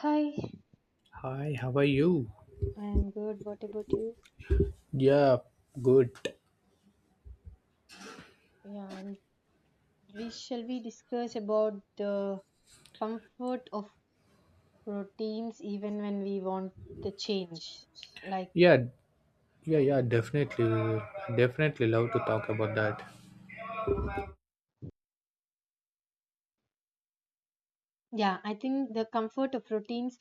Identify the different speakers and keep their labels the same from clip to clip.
Speaker 1: Hi,
Speaker 2: Hi, how are you?
Speaker 1: I'm good. What about you?
Speaker 2: Yeah, good.
Speaker 1: Yeah, I'm, we shall we discuss about the comfort of routines even when we want the change. Like,
Speaker 2: Yeah, yeah, yeah, definitely. Definitely love to talk about that.
Speaker 1: yeah, I think the comfort of routines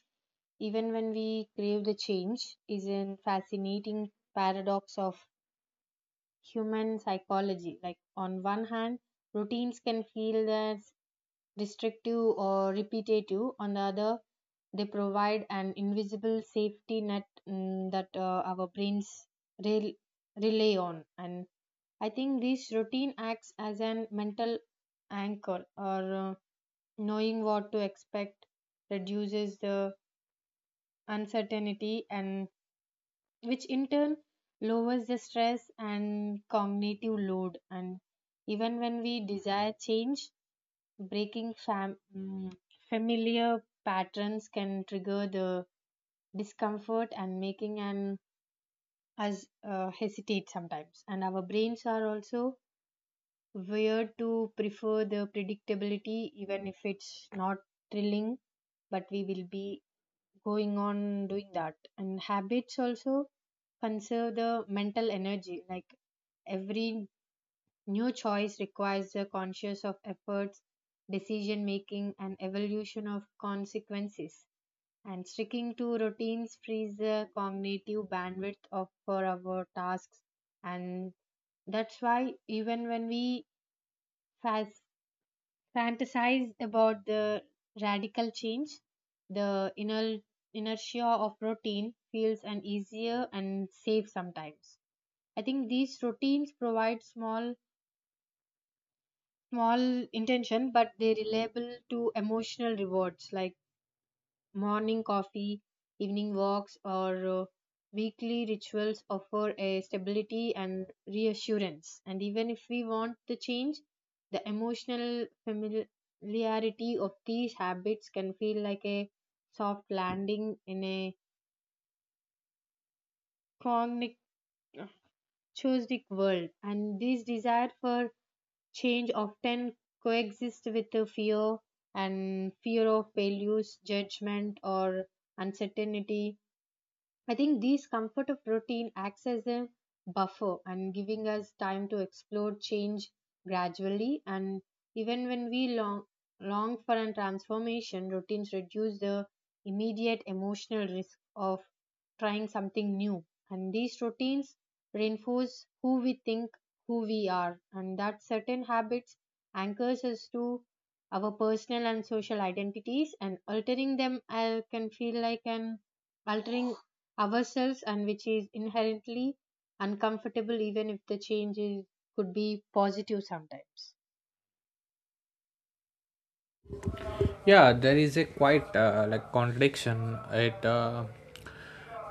Speaker 1: even when we crave the change is a fascinating paradox of human psychology. Like, on one hand, routines can feel that destructive or repetitive. On the other, they provide an invisible safety net that our brains rel- rely on. And I think this routine acts as an mental anchor or knowing what to expect reduces the uncertainty and which in turn lowers the stress and cognitive load, and even when we desire change, breaking familiar patterns can trigger the discomfort and making an us hesitate sometimes. And our brains are also weird to prefer the predictability, even if it's not thrilling. But we will be going on doing that. And habits also conserve the mental energy. Like every new choice requires a conscious of efforts, decision making, and evolution of consequences. And sticking to routines frees the cognitive bandwidth of for our tasks. And that's why even when we fas- fantasize about the radical change, the inner inertia of routine feels an easier and safe sometimes. I think these routines provide small intention, but they reliable to emotional rewards like morning coffee, evening walks, or weekly rituals offer a stability and reassurance. And even if we want the change, the emotional familiarity of these habits can feel like a soft landing in a cognitive world. And this desire for change often coexist with the fear and fear of failures, judgment, or uncertainty. I think these comfort of routine acts as a buffer and giving us time to explore change gradually, and even when we long for a transformation, routines reduce the immediate emotional risk of trying something new, and these routines reinforce who we are, and that certain habits anchors us to our personal and social identities, and altering them can feel like an altering ourselves, and which is inherently uncomfortable even if the change is, could be positive sometimes.
Speaker 2: Yeah, there is a quite like contradiction. It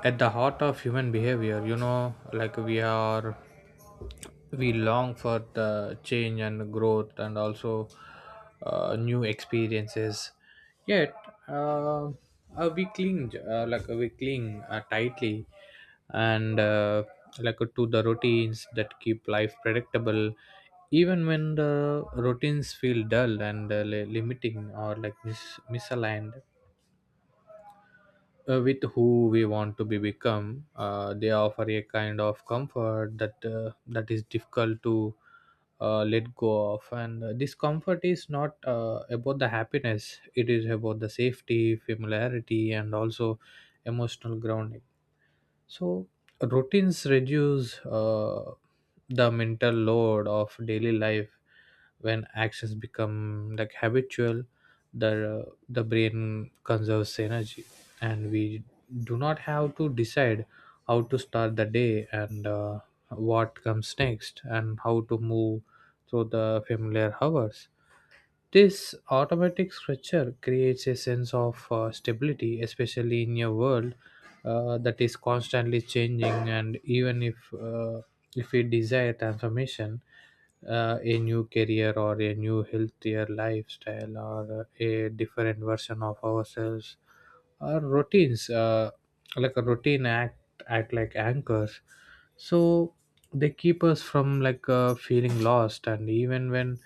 Speaker 2: At the heart of human behavior, you know, like we are we long for the change and growth and also new experiences, yet uh, we cling like we cling tightly and like to the routines that keep life predictable. Even when the routines feel dull and limiting or like misaligned with who we want to be become, they offer a kind of comfort that is difficult to let go of. And This comfort is not about the happiness. It is about the safety, familiarity, and also emotional grounding. So routines reduce the mental load of daily life when actions become like habitual. The brain conserves energy, and we do not have to decide how to start the day and what comes next and how to move through the familiar hours. This automatic structure creates a sense of stability, especially in a world that is constantly changing. And even if we desire transformation, a new career or a new healthier lifestyle or a different version of ourselves, our routines, like a act like anchors. So they keep us from like feeling lost, and even when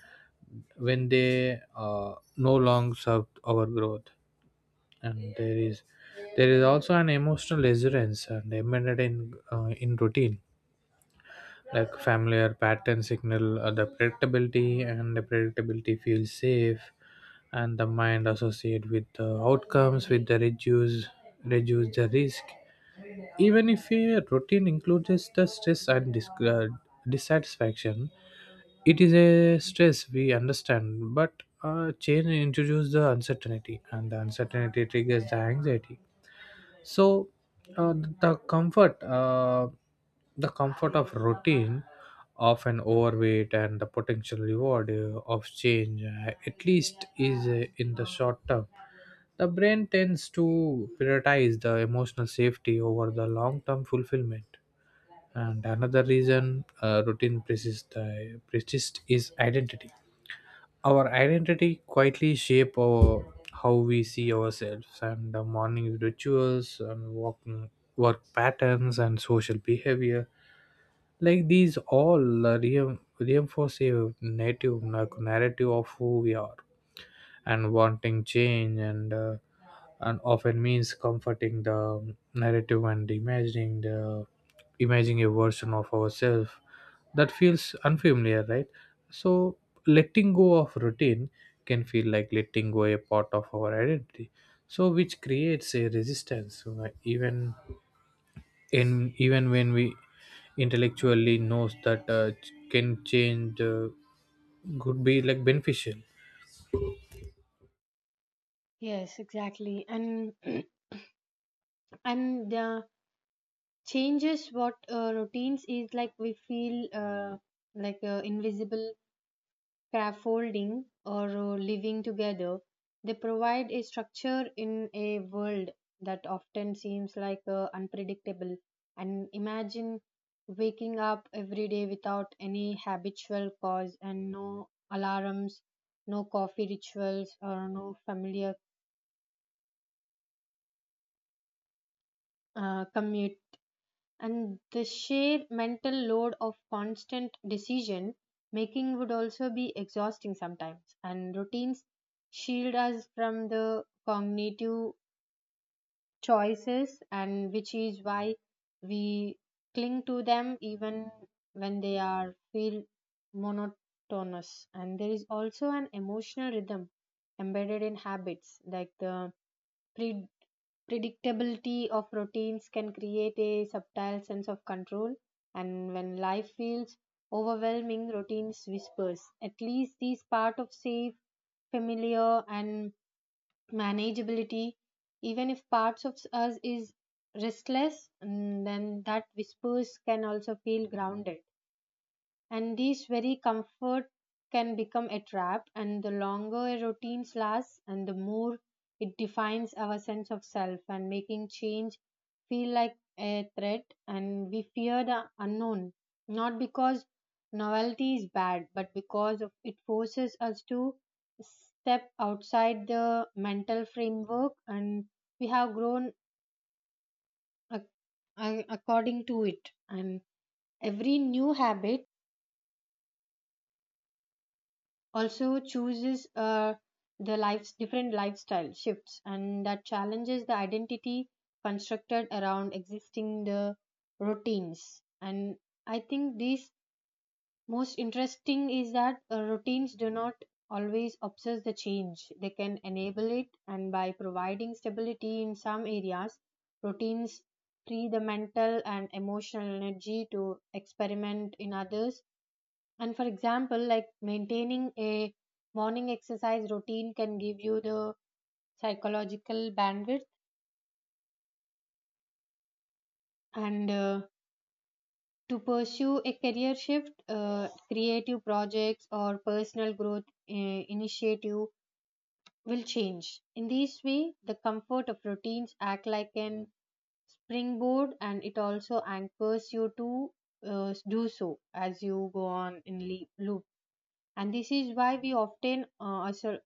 Speaker 2: when they no longer serve our growth. And there is also an emotional resilience and embedded in routine. Like familiar pattern signal the predictability, and the predictability feels safe, and the mind associate with the outcomes with the reduce the risk. Even if a routine includes the stress and dissatisfaction, it is a stress we understand. But change introduces the uncertainty, and the uncertainty triggers the anxiety. So uh, the comfort uh, the comfort of routine of an overweight and the potential reward of change, at least is in the short term, the brain tends to prioritize the emotional safety over the long term fulfillment. And another reason, routine persists, is identity. Our identity quietly shape our how we see ourselves, and the morning rituals and walking work patterns and social behavior, like these all reinforce a native, like, narrative of who we are. And wanting change and often means comforting the narrative and imagining a version of ourselves that feels unfamiliar, right? So letting go of routine can feel like letting go a part of our identity, so which creates a resistance, even in even when we intellectually knows that can change could be like beneficial.
Speaker 1: Yes, exactly. and And the changes what routines is like, we feel like invisible scaffolding, or living together, they provide a structure in a world that often seems like unpredictable. And imagine waking up every day without any habitual cause and no alarms, no coffee rituals, or no familiar commute, and the sheer mental load of constant decision making would also be exhausting sometimes, and routines shield us from the cognitive choices, and which is why we cling to them even when they are feel monotonous. And there is also an emotional rhythm embedded in habits like the pre predictability of routines can create a subtle sense of control, and when life feels overwhelming, routines whispers at least this part of safe, familiar, and manageability. Even if parts of us is restless, and then that whispers can also feel grounded. And this very comfort can become a trap, and the longer a routine lasts, and the more it defines our sense of self and making change feel like a threat, and we fear the unknown, not because novelty is bad, but because of it forces us to step outside the mental framework and we have grown ac- according to it. And every new habit also chooses the lives different lifestyle shifts, and that challenges the identity constructed around existing the routines. And I think this most interesting is that routines do not always obsess the change, they can enable it, and by providing stability in some areas, routines free the mental and emotional energy to experiment in others. And for example, like maintaining a morning exercise routine can give you the psychological bandwidth and to pursue a career shift, creative projects or personal growth uh, initiative will change. In this way, the comfort of routines act like an springboard, and it also anchors you to do so as you go on in loop. And this is why we often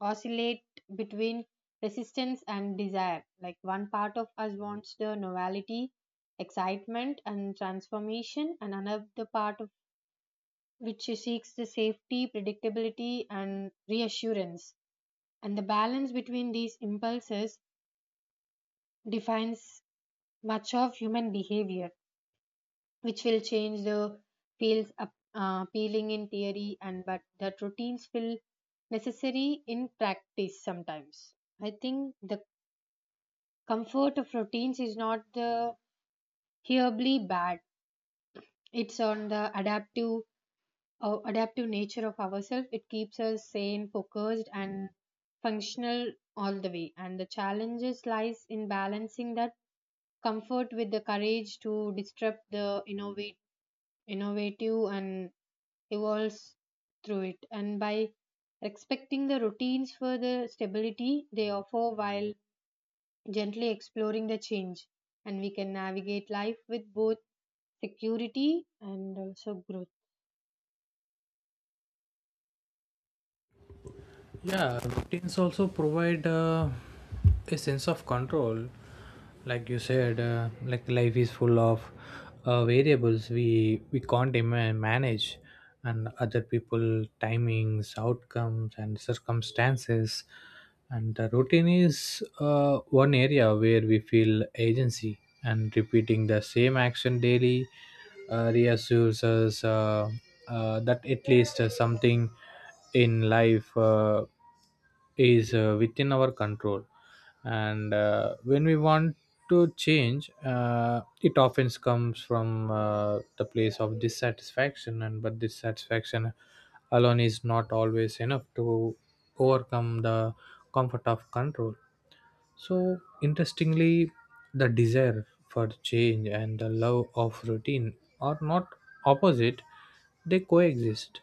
Speaker 1: oscillate between resistance and desire. Like one part of us wants the novelty, excitement, and transformation, and another part of which seeks the safety, predictability, and reassurance. And the balance between these impulses defines much of human behavior. Which will change the feels up, appealing in theory, and but that routines feel necessary in practice sometimes. I think the comfort of routines is not the hearably bad, it's on the adaptive nature of ourselves, it keeps us sane, focused, and functional all the way, and the challenges lies in balancing that comfort with the courage to disrupt the innovate innovative and evolves through it, and by respecting the routines for the stability they offer while gently exploring the change, and we can navigate life with both security and also growth.
Speaker 2: Yeah, routines also provide a sense of control. Like you said, like life is full of variables we can't manage, and other people timings outcomes and circumstances. And the routine is one area where we feel agency, and repeating the same action daily reassures us that at least something in life is within our control. And when we want to change, it often comes from the place of dissatisfaction. And but dissatisfaction alone is not always enough to overcome the comfort of control. So, interestingly, the desire for change and the love of routine are not opposite, they coexist.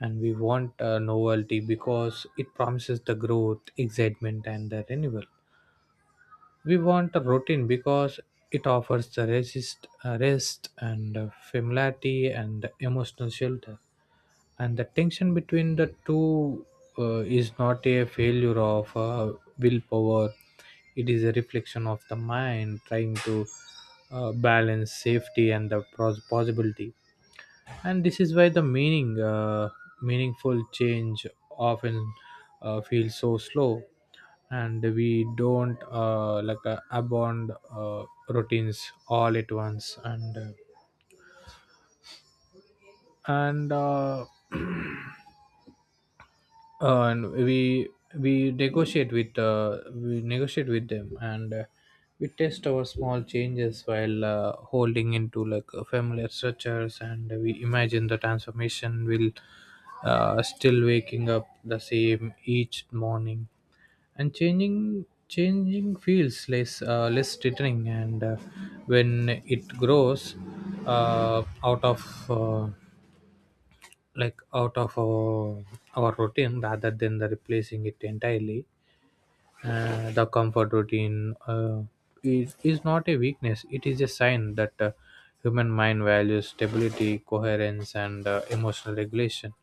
Speaker 2: And we want novelty because it promises the growth, excitement, and the renewal. We want a routine because it offers the rest and familiarity and emotional shelter. And the tension between the two is not a failure of willpower, it is a reflection of the mind trying to balance safety and the possibility. And this is why the meaningful change often feels so slow, and we don't like abandon uh, routines all at once and and we we negotiate with them, and we test our small changes while holding into like familiar structures, and we imagine the transformation will still waking up the same each morning. And changing feels less threatening, and when it grows out of like out of our routine rather than the replacing it entirely. The is not a weakness. It is a sign that human mind values stability, coherence, and emotional regulation.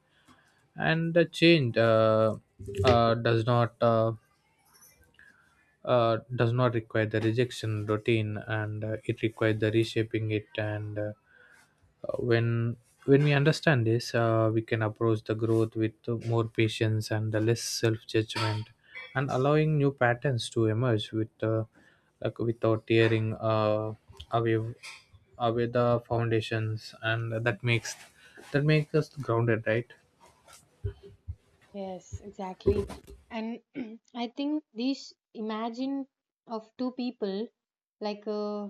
Speaker 2: And the change uh, does not uh, does not require the rejection routine, and it requires the reshaping it. And uh, Uh, when when we understand this, we can approach the growth with more patience and the less self judgment, and allowing new patterns to emerge with like without tearing away away the foundations, and that makes us grounded, right?
Speaker 1: Yes, exactly. and I think this imagine of two people, like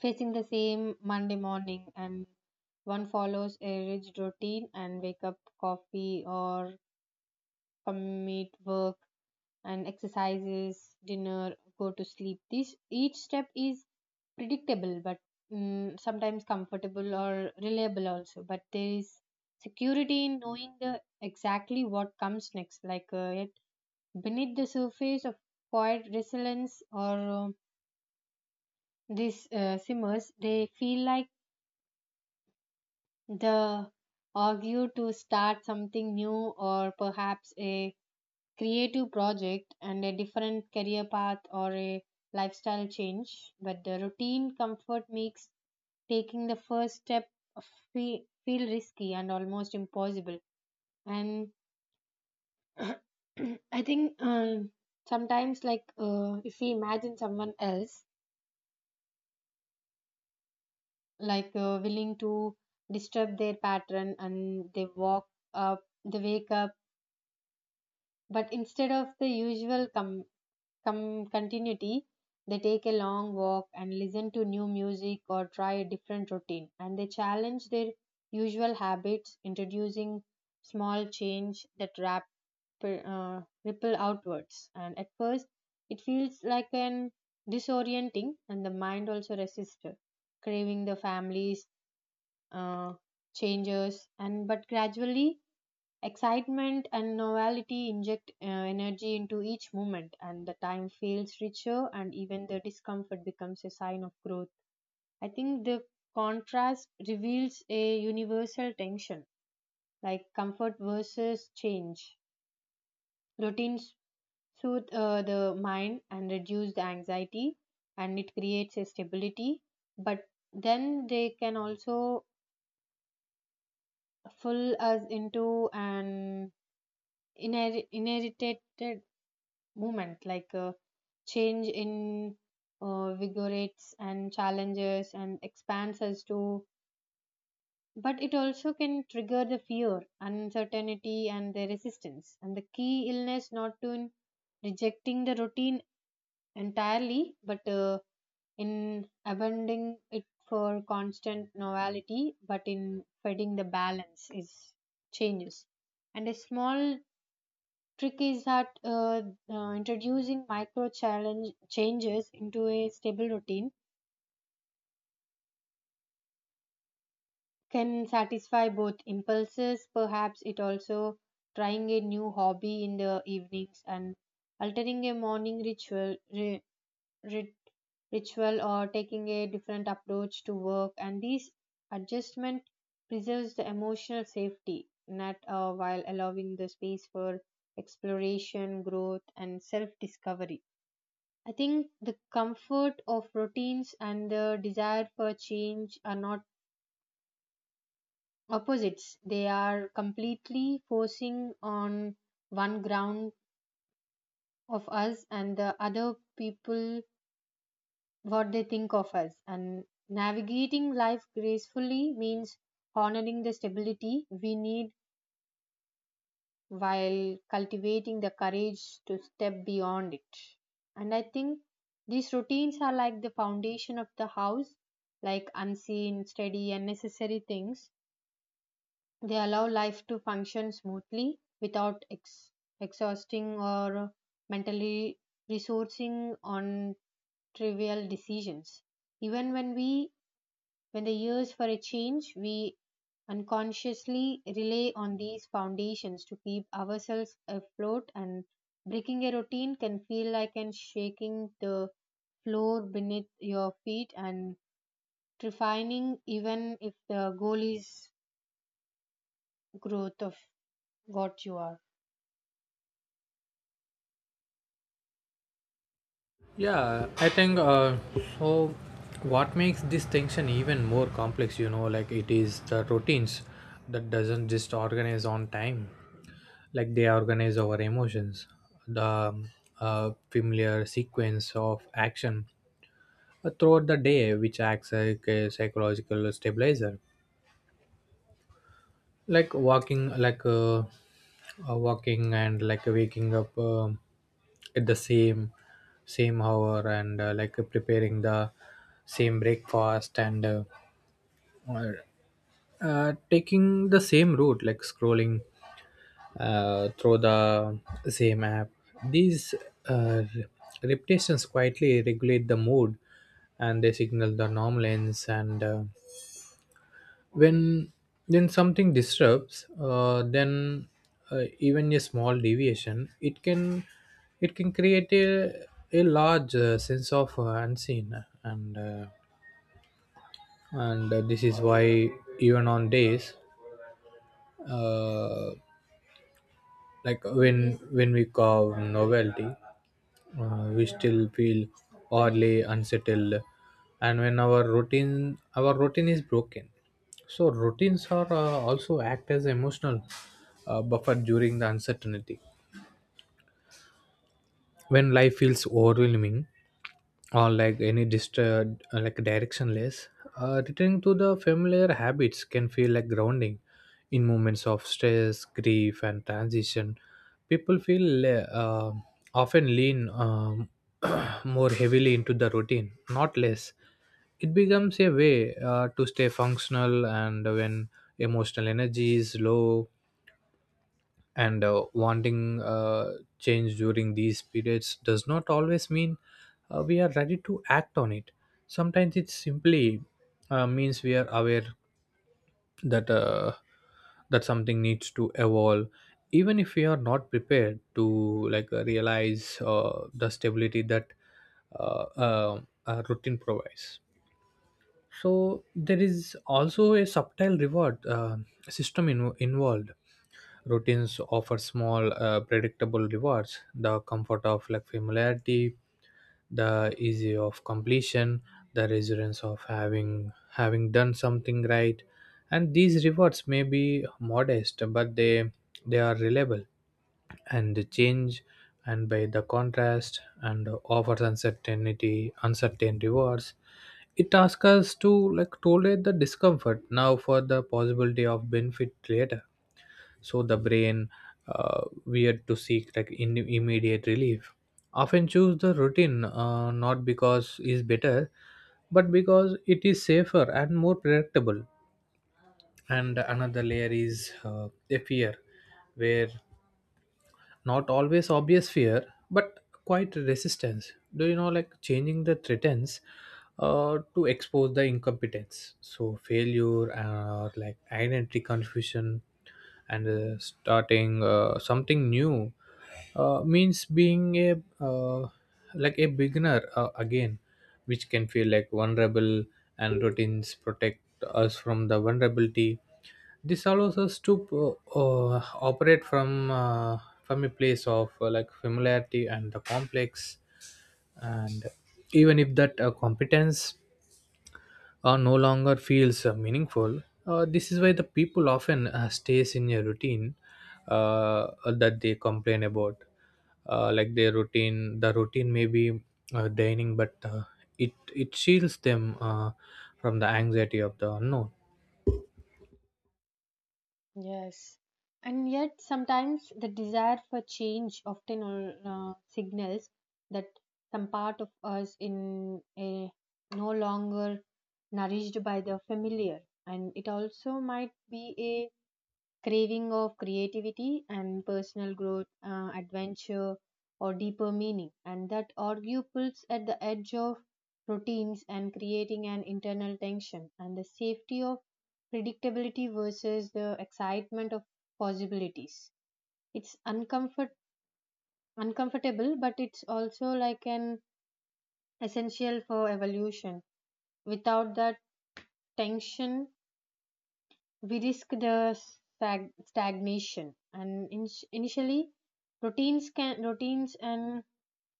Speaker 1: facing the same Monday morning, and one follows a rigid routine and wake up, coffee or commute, work and exercises, dinner, go to sleep. This each step is predictable, but sometimes comfortable or reliable also. But there is security in knowing the exactly what comes next. Like yet beneath the surface of quiet resilience or these simmers, they feel like the argue to start something new, or perhaps a creative project and a different career path or a lifestyle change, but the routine comfort makes taking the first step feel risky and almost impossible. And I think sometimes, if we imagine someone else, willing to disturb their pattern, and they wake up, but instead of the usual continuity, they take a long walk and listen to new music or try a different routine. And they challenge their usual habits, introducing small change that ripple outwards. And at first, it feels like an disorienting, and the mind also resists, craving the family's uh, changes. And but gradually, excitement and novelty inject energy into each moment, and the time feels richer, and even the discomfort becomes a sign of growth. I think the contrast reveals a universal tension, like comfort versus change. Routines soothe the mind and reduce the anxiety, and it creates a stability, but then they can also pull us into an inherited movement, like change in vigorates and challenges and expands us to, but it also can trigger the fear, uncertainty, and the resistance, and the key illness not to in rejecting the routine entirely, but in abandoning it for constant novelty, but in finding the balance is changes. And a small trick is that introducing micro challenge changes into a stable routine can satisfy both impulses. Perhaps it also trying a new hobby in the evenings and altering a morning ritual, rit- ritual, or taking a different approach to work. And these adjustment preserves the emotional safety, net while allowing the space for exploration, growth, and self-discovery. I think the comfort of routines and the desire for change are not opposites. They are completely forcing on one ground of us and the other people what they think of us. And navigating life gracefully means honoring the stability we need while cultivating the courage to step beyond it. And I think these routines are like the foundation of the house, like unseen, steady, and necessary things. They allow life to function smoothly without exhausting or mentally resourcing on trivial decisions. Even when we when the years for a change, we unconsciously rely on these foundations to keep ourselves afloat, and breaking a routine can feel like an shaking the floor beneath your feet and refining, even if the goal is growth of what you are.
Speaker 2: Yeah, I think so. what makes this tension even more complex, you know, like it is the routines that doesn't just organize on time. Like they organize our emotions, the familiar sequence of action throughout the day which acts like a psychological stabilizer. Like walking and like waking up at the same hour, and like preparing the same breakfast, and or, taking the same route, like scrolling through the same app. These uh, repetitions quietly regulate the mood, and they signal the normalence. And uh, when when something disrupts, then even a small deviation, it can create a large sense of unseen. And this is why even on days uh, like when we carve novelty, we still feel oddly unsettled and when our routine is broken. So routines are also act as emotional buffer during the uncertainty. When life feels overwhelming or like any disturbed, like directionless, returning to the familiar habits can feel like grounding. In moments of stress, grief, and transition, people often lean more heavily into the routine, not less. It becomes a way to stay functional and when emotional energy is low, and wanting change during these periods does not always mean we are ready to act on it. Sometimes it simply means we are aware that that something needs to evolve, even if we are not prepared to like realize the stability that uh, uh, a routine provides. So there is also a subtle reward system involved. Routines offer small predictable rewards: the comfort of like familiarity, the ease of completion, the resilience of having done something right. And these rewards may be modest, but they are reliable. And the change, and by the contrast, and offers uncertain rewards. It asks us to like tolerate the discomfort now for the possibility of benefit later. So the brain, weird to seek like in immediate relief, often choose the routine, not because is better, but because it is safer and more predictable. And another layer is a fear, where not always obvious fear but quite resistance, do you know, like changing the threatens to expose the incompetence, so failure or like identity confusion. And starting something new means being a uh, like a beginner again, which can feel like vulnerable. And routines protect us from the vulnerability. This allows us to operate from a place of like familiarity and the complex, and even if that competence no longer feels meaningful, this is why the people often stays in a routine uh, that they complain about, like their routine. The routine may be dining, but it it shields them from the anxiety of the unknown.
Speaker 1: Yes. And yet, sometimes the desire for change often signals that some part of us in a no longer nourished by the familiar, and it also might be a craving of creativity and personal growth, adventure, or deeper meaning, and that argue pulls at the edge of routines and creating an internal tension, and the safety of predictability versus the excitement of possibilities. It's uncomfortable, but it's also like an essential for evolution. Without that tension, we risk the stagnation, and initially routines can routines and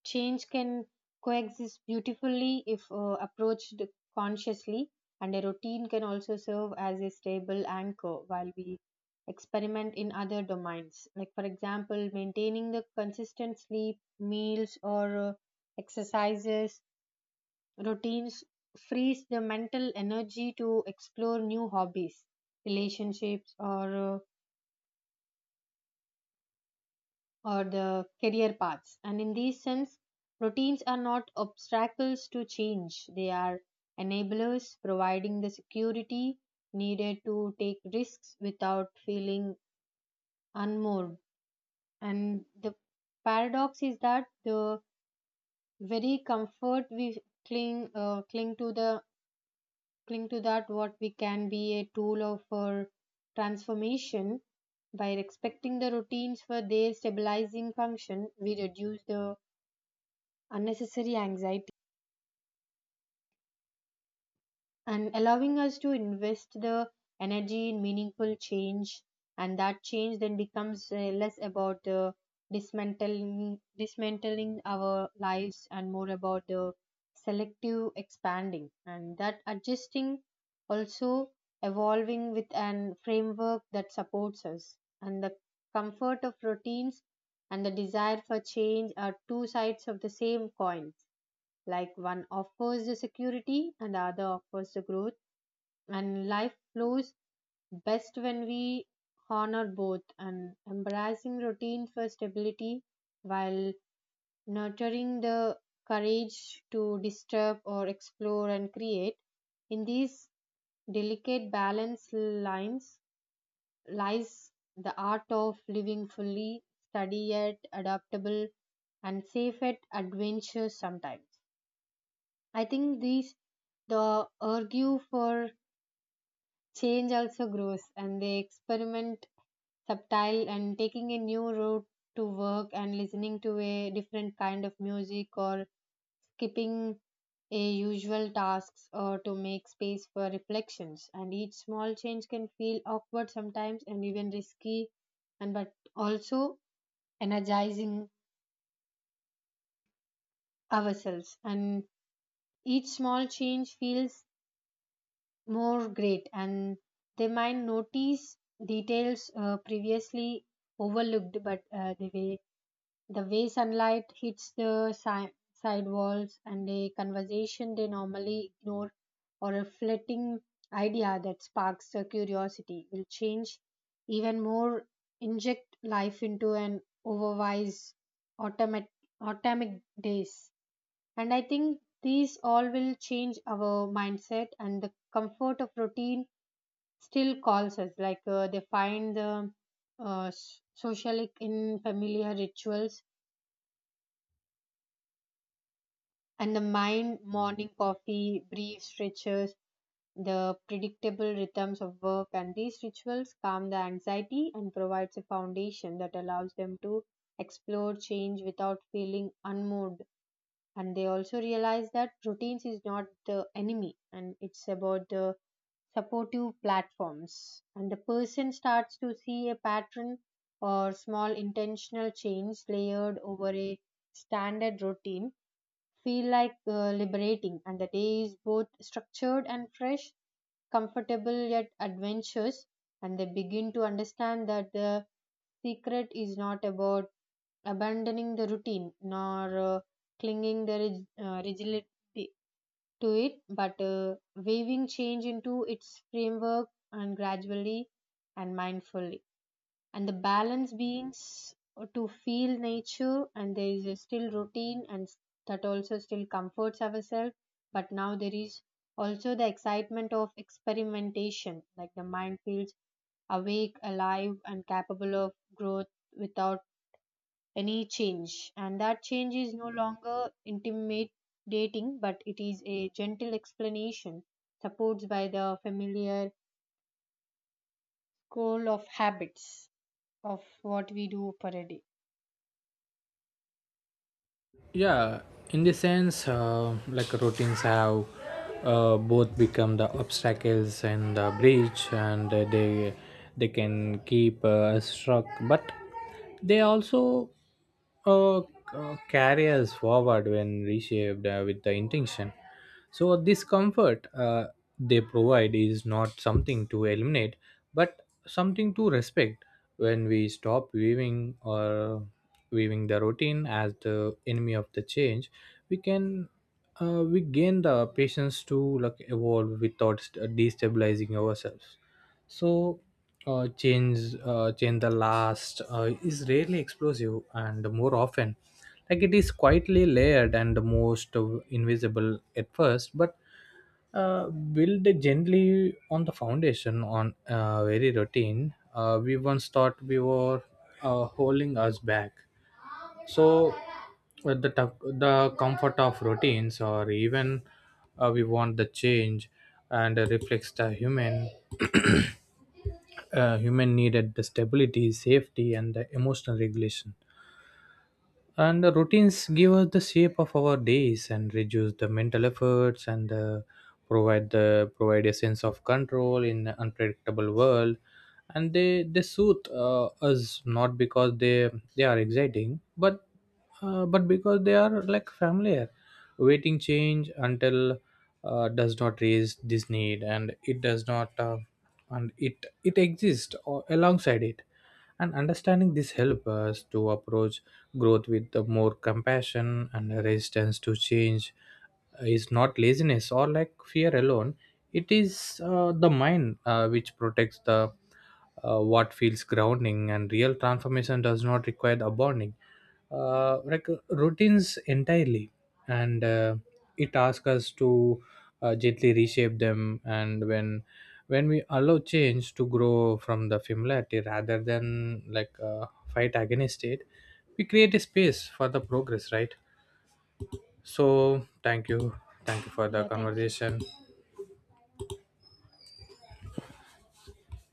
Speaker 1: change can coexist beautifully if approached consciously, and a routine can also serve as a stable anchor while we experiment in other domains, like for example maintaining the consistent sleep, meals, or exercises. Routines frees the mental energy to explore new hobbies, relationships, or the career paths. And in this sense, routines are not obstacles to change; they are enablers, providing the security needed to take risks without feeling unmoored. And the paradox is that the very comfort we cling cling to the cling to that what we can be a tool of our transformation. By respecting the routines for their stabilizing function, we reduce the unnecessary anxiety and allowing us to invest the energy in meaningful change, and that change then becomes less about dismantling our lives and more about the selective expanding, and that adjusting, also evolving with an framework that supports us. And the comfort of routines and the desire for change are two sides of the same coin, like one offers the security and the other offers the growth, and life flows best when we honor both and embracing routine for stability while nurturing the courage to disturb or explore and create. In these delicate balance lines lies the art of living fully, steady yet adaptable, and safe at adventure sometimes. I think these the argue for change also grows, and they experiment subtle, and taking a new route to work and listening to a different kind of music or skipping a usual tasks or to make space for reflections, and each small change can feel awkward sometimes and even risky, and but also energizing ourselves, and each small change feels more great, and they might notice details previously overlooked, but the way sunlight hits the side walls and a conversation they normally ignore or a flitting idea that sparks their curiosity will change even more, inject life into an otherwise automatic automatic days. And I think these all will change our mindset, and the comfort of routine still calls us. Like they find the socialic in familiar rituals, and the mind morning coffee, brief stretches, the predictable rhythms of work. And these rituals calm the anxiety and provides a foundation that allows them to explore change without feeling unmoved. And they also realize that routines is not the enemy, and it's about the supportive platforms, and the person starts to see a pattern or small intentional change layered over a standard routine feel like liberating, and the day is both structured and fresh, comfortable yet adventurous, and they begin to understand that the secret is not about abandoning the routine nor clinging the rigidity to it, but weaving change into its framework, and gradually and mindfully. And the balance beings to feel nature, and there is a still routine, and that also still comforts ourselves. But now there is also the excitement of experimentation, like the mind feels awake, alive, and capable of growth without any change. And that change is no longer intimidating, but it is a gentle explanation, supported by the familiar goal of habits of what we do per day.
Speaker 2: Yeah, in the sense like routines have both become the obstacles and the bridge, and they can keep us struck, but they also carry us forward when reshaped with the intention. So, this comfort they provide is not something to eliminate, but something to respect. When we stop viewing or viewing the routine as the enemy of the change, we can we gain the patience to like evolve without destabilizing ourselves. So, change the last is rarely explosive, and more often, like it is quietly layered and most invisible at first, but build gently on the foundation on very routine. We once thought we were holding us back. So, the comfort of routines, or even we want the change, and reflects the human needed the stability, safety, and the emotional regulation. And the routines give us the shape of our days and reduce the mental efforts, and provide a sense of control in an unpredictable world. And they soothe us not because they are exciting, but because they are like familiar. Waiting change until does not raise this need, and it does not and it exists or alongside it. And understanding this helps us to approach growth with the more compassion. And a resistance to change is not laziness or like fear alone. It is the mind which protects the what feels grounding. And real transformation does not require abounding like routines entirely, and it asks us to gently reshape them. And when we allow change to grow from the familiarity rather than like fight against it, we create a space for the progress, right? So thank you. Thank you for the
Speaker 1: Yeah, thank you.
Speaker 2: conversation.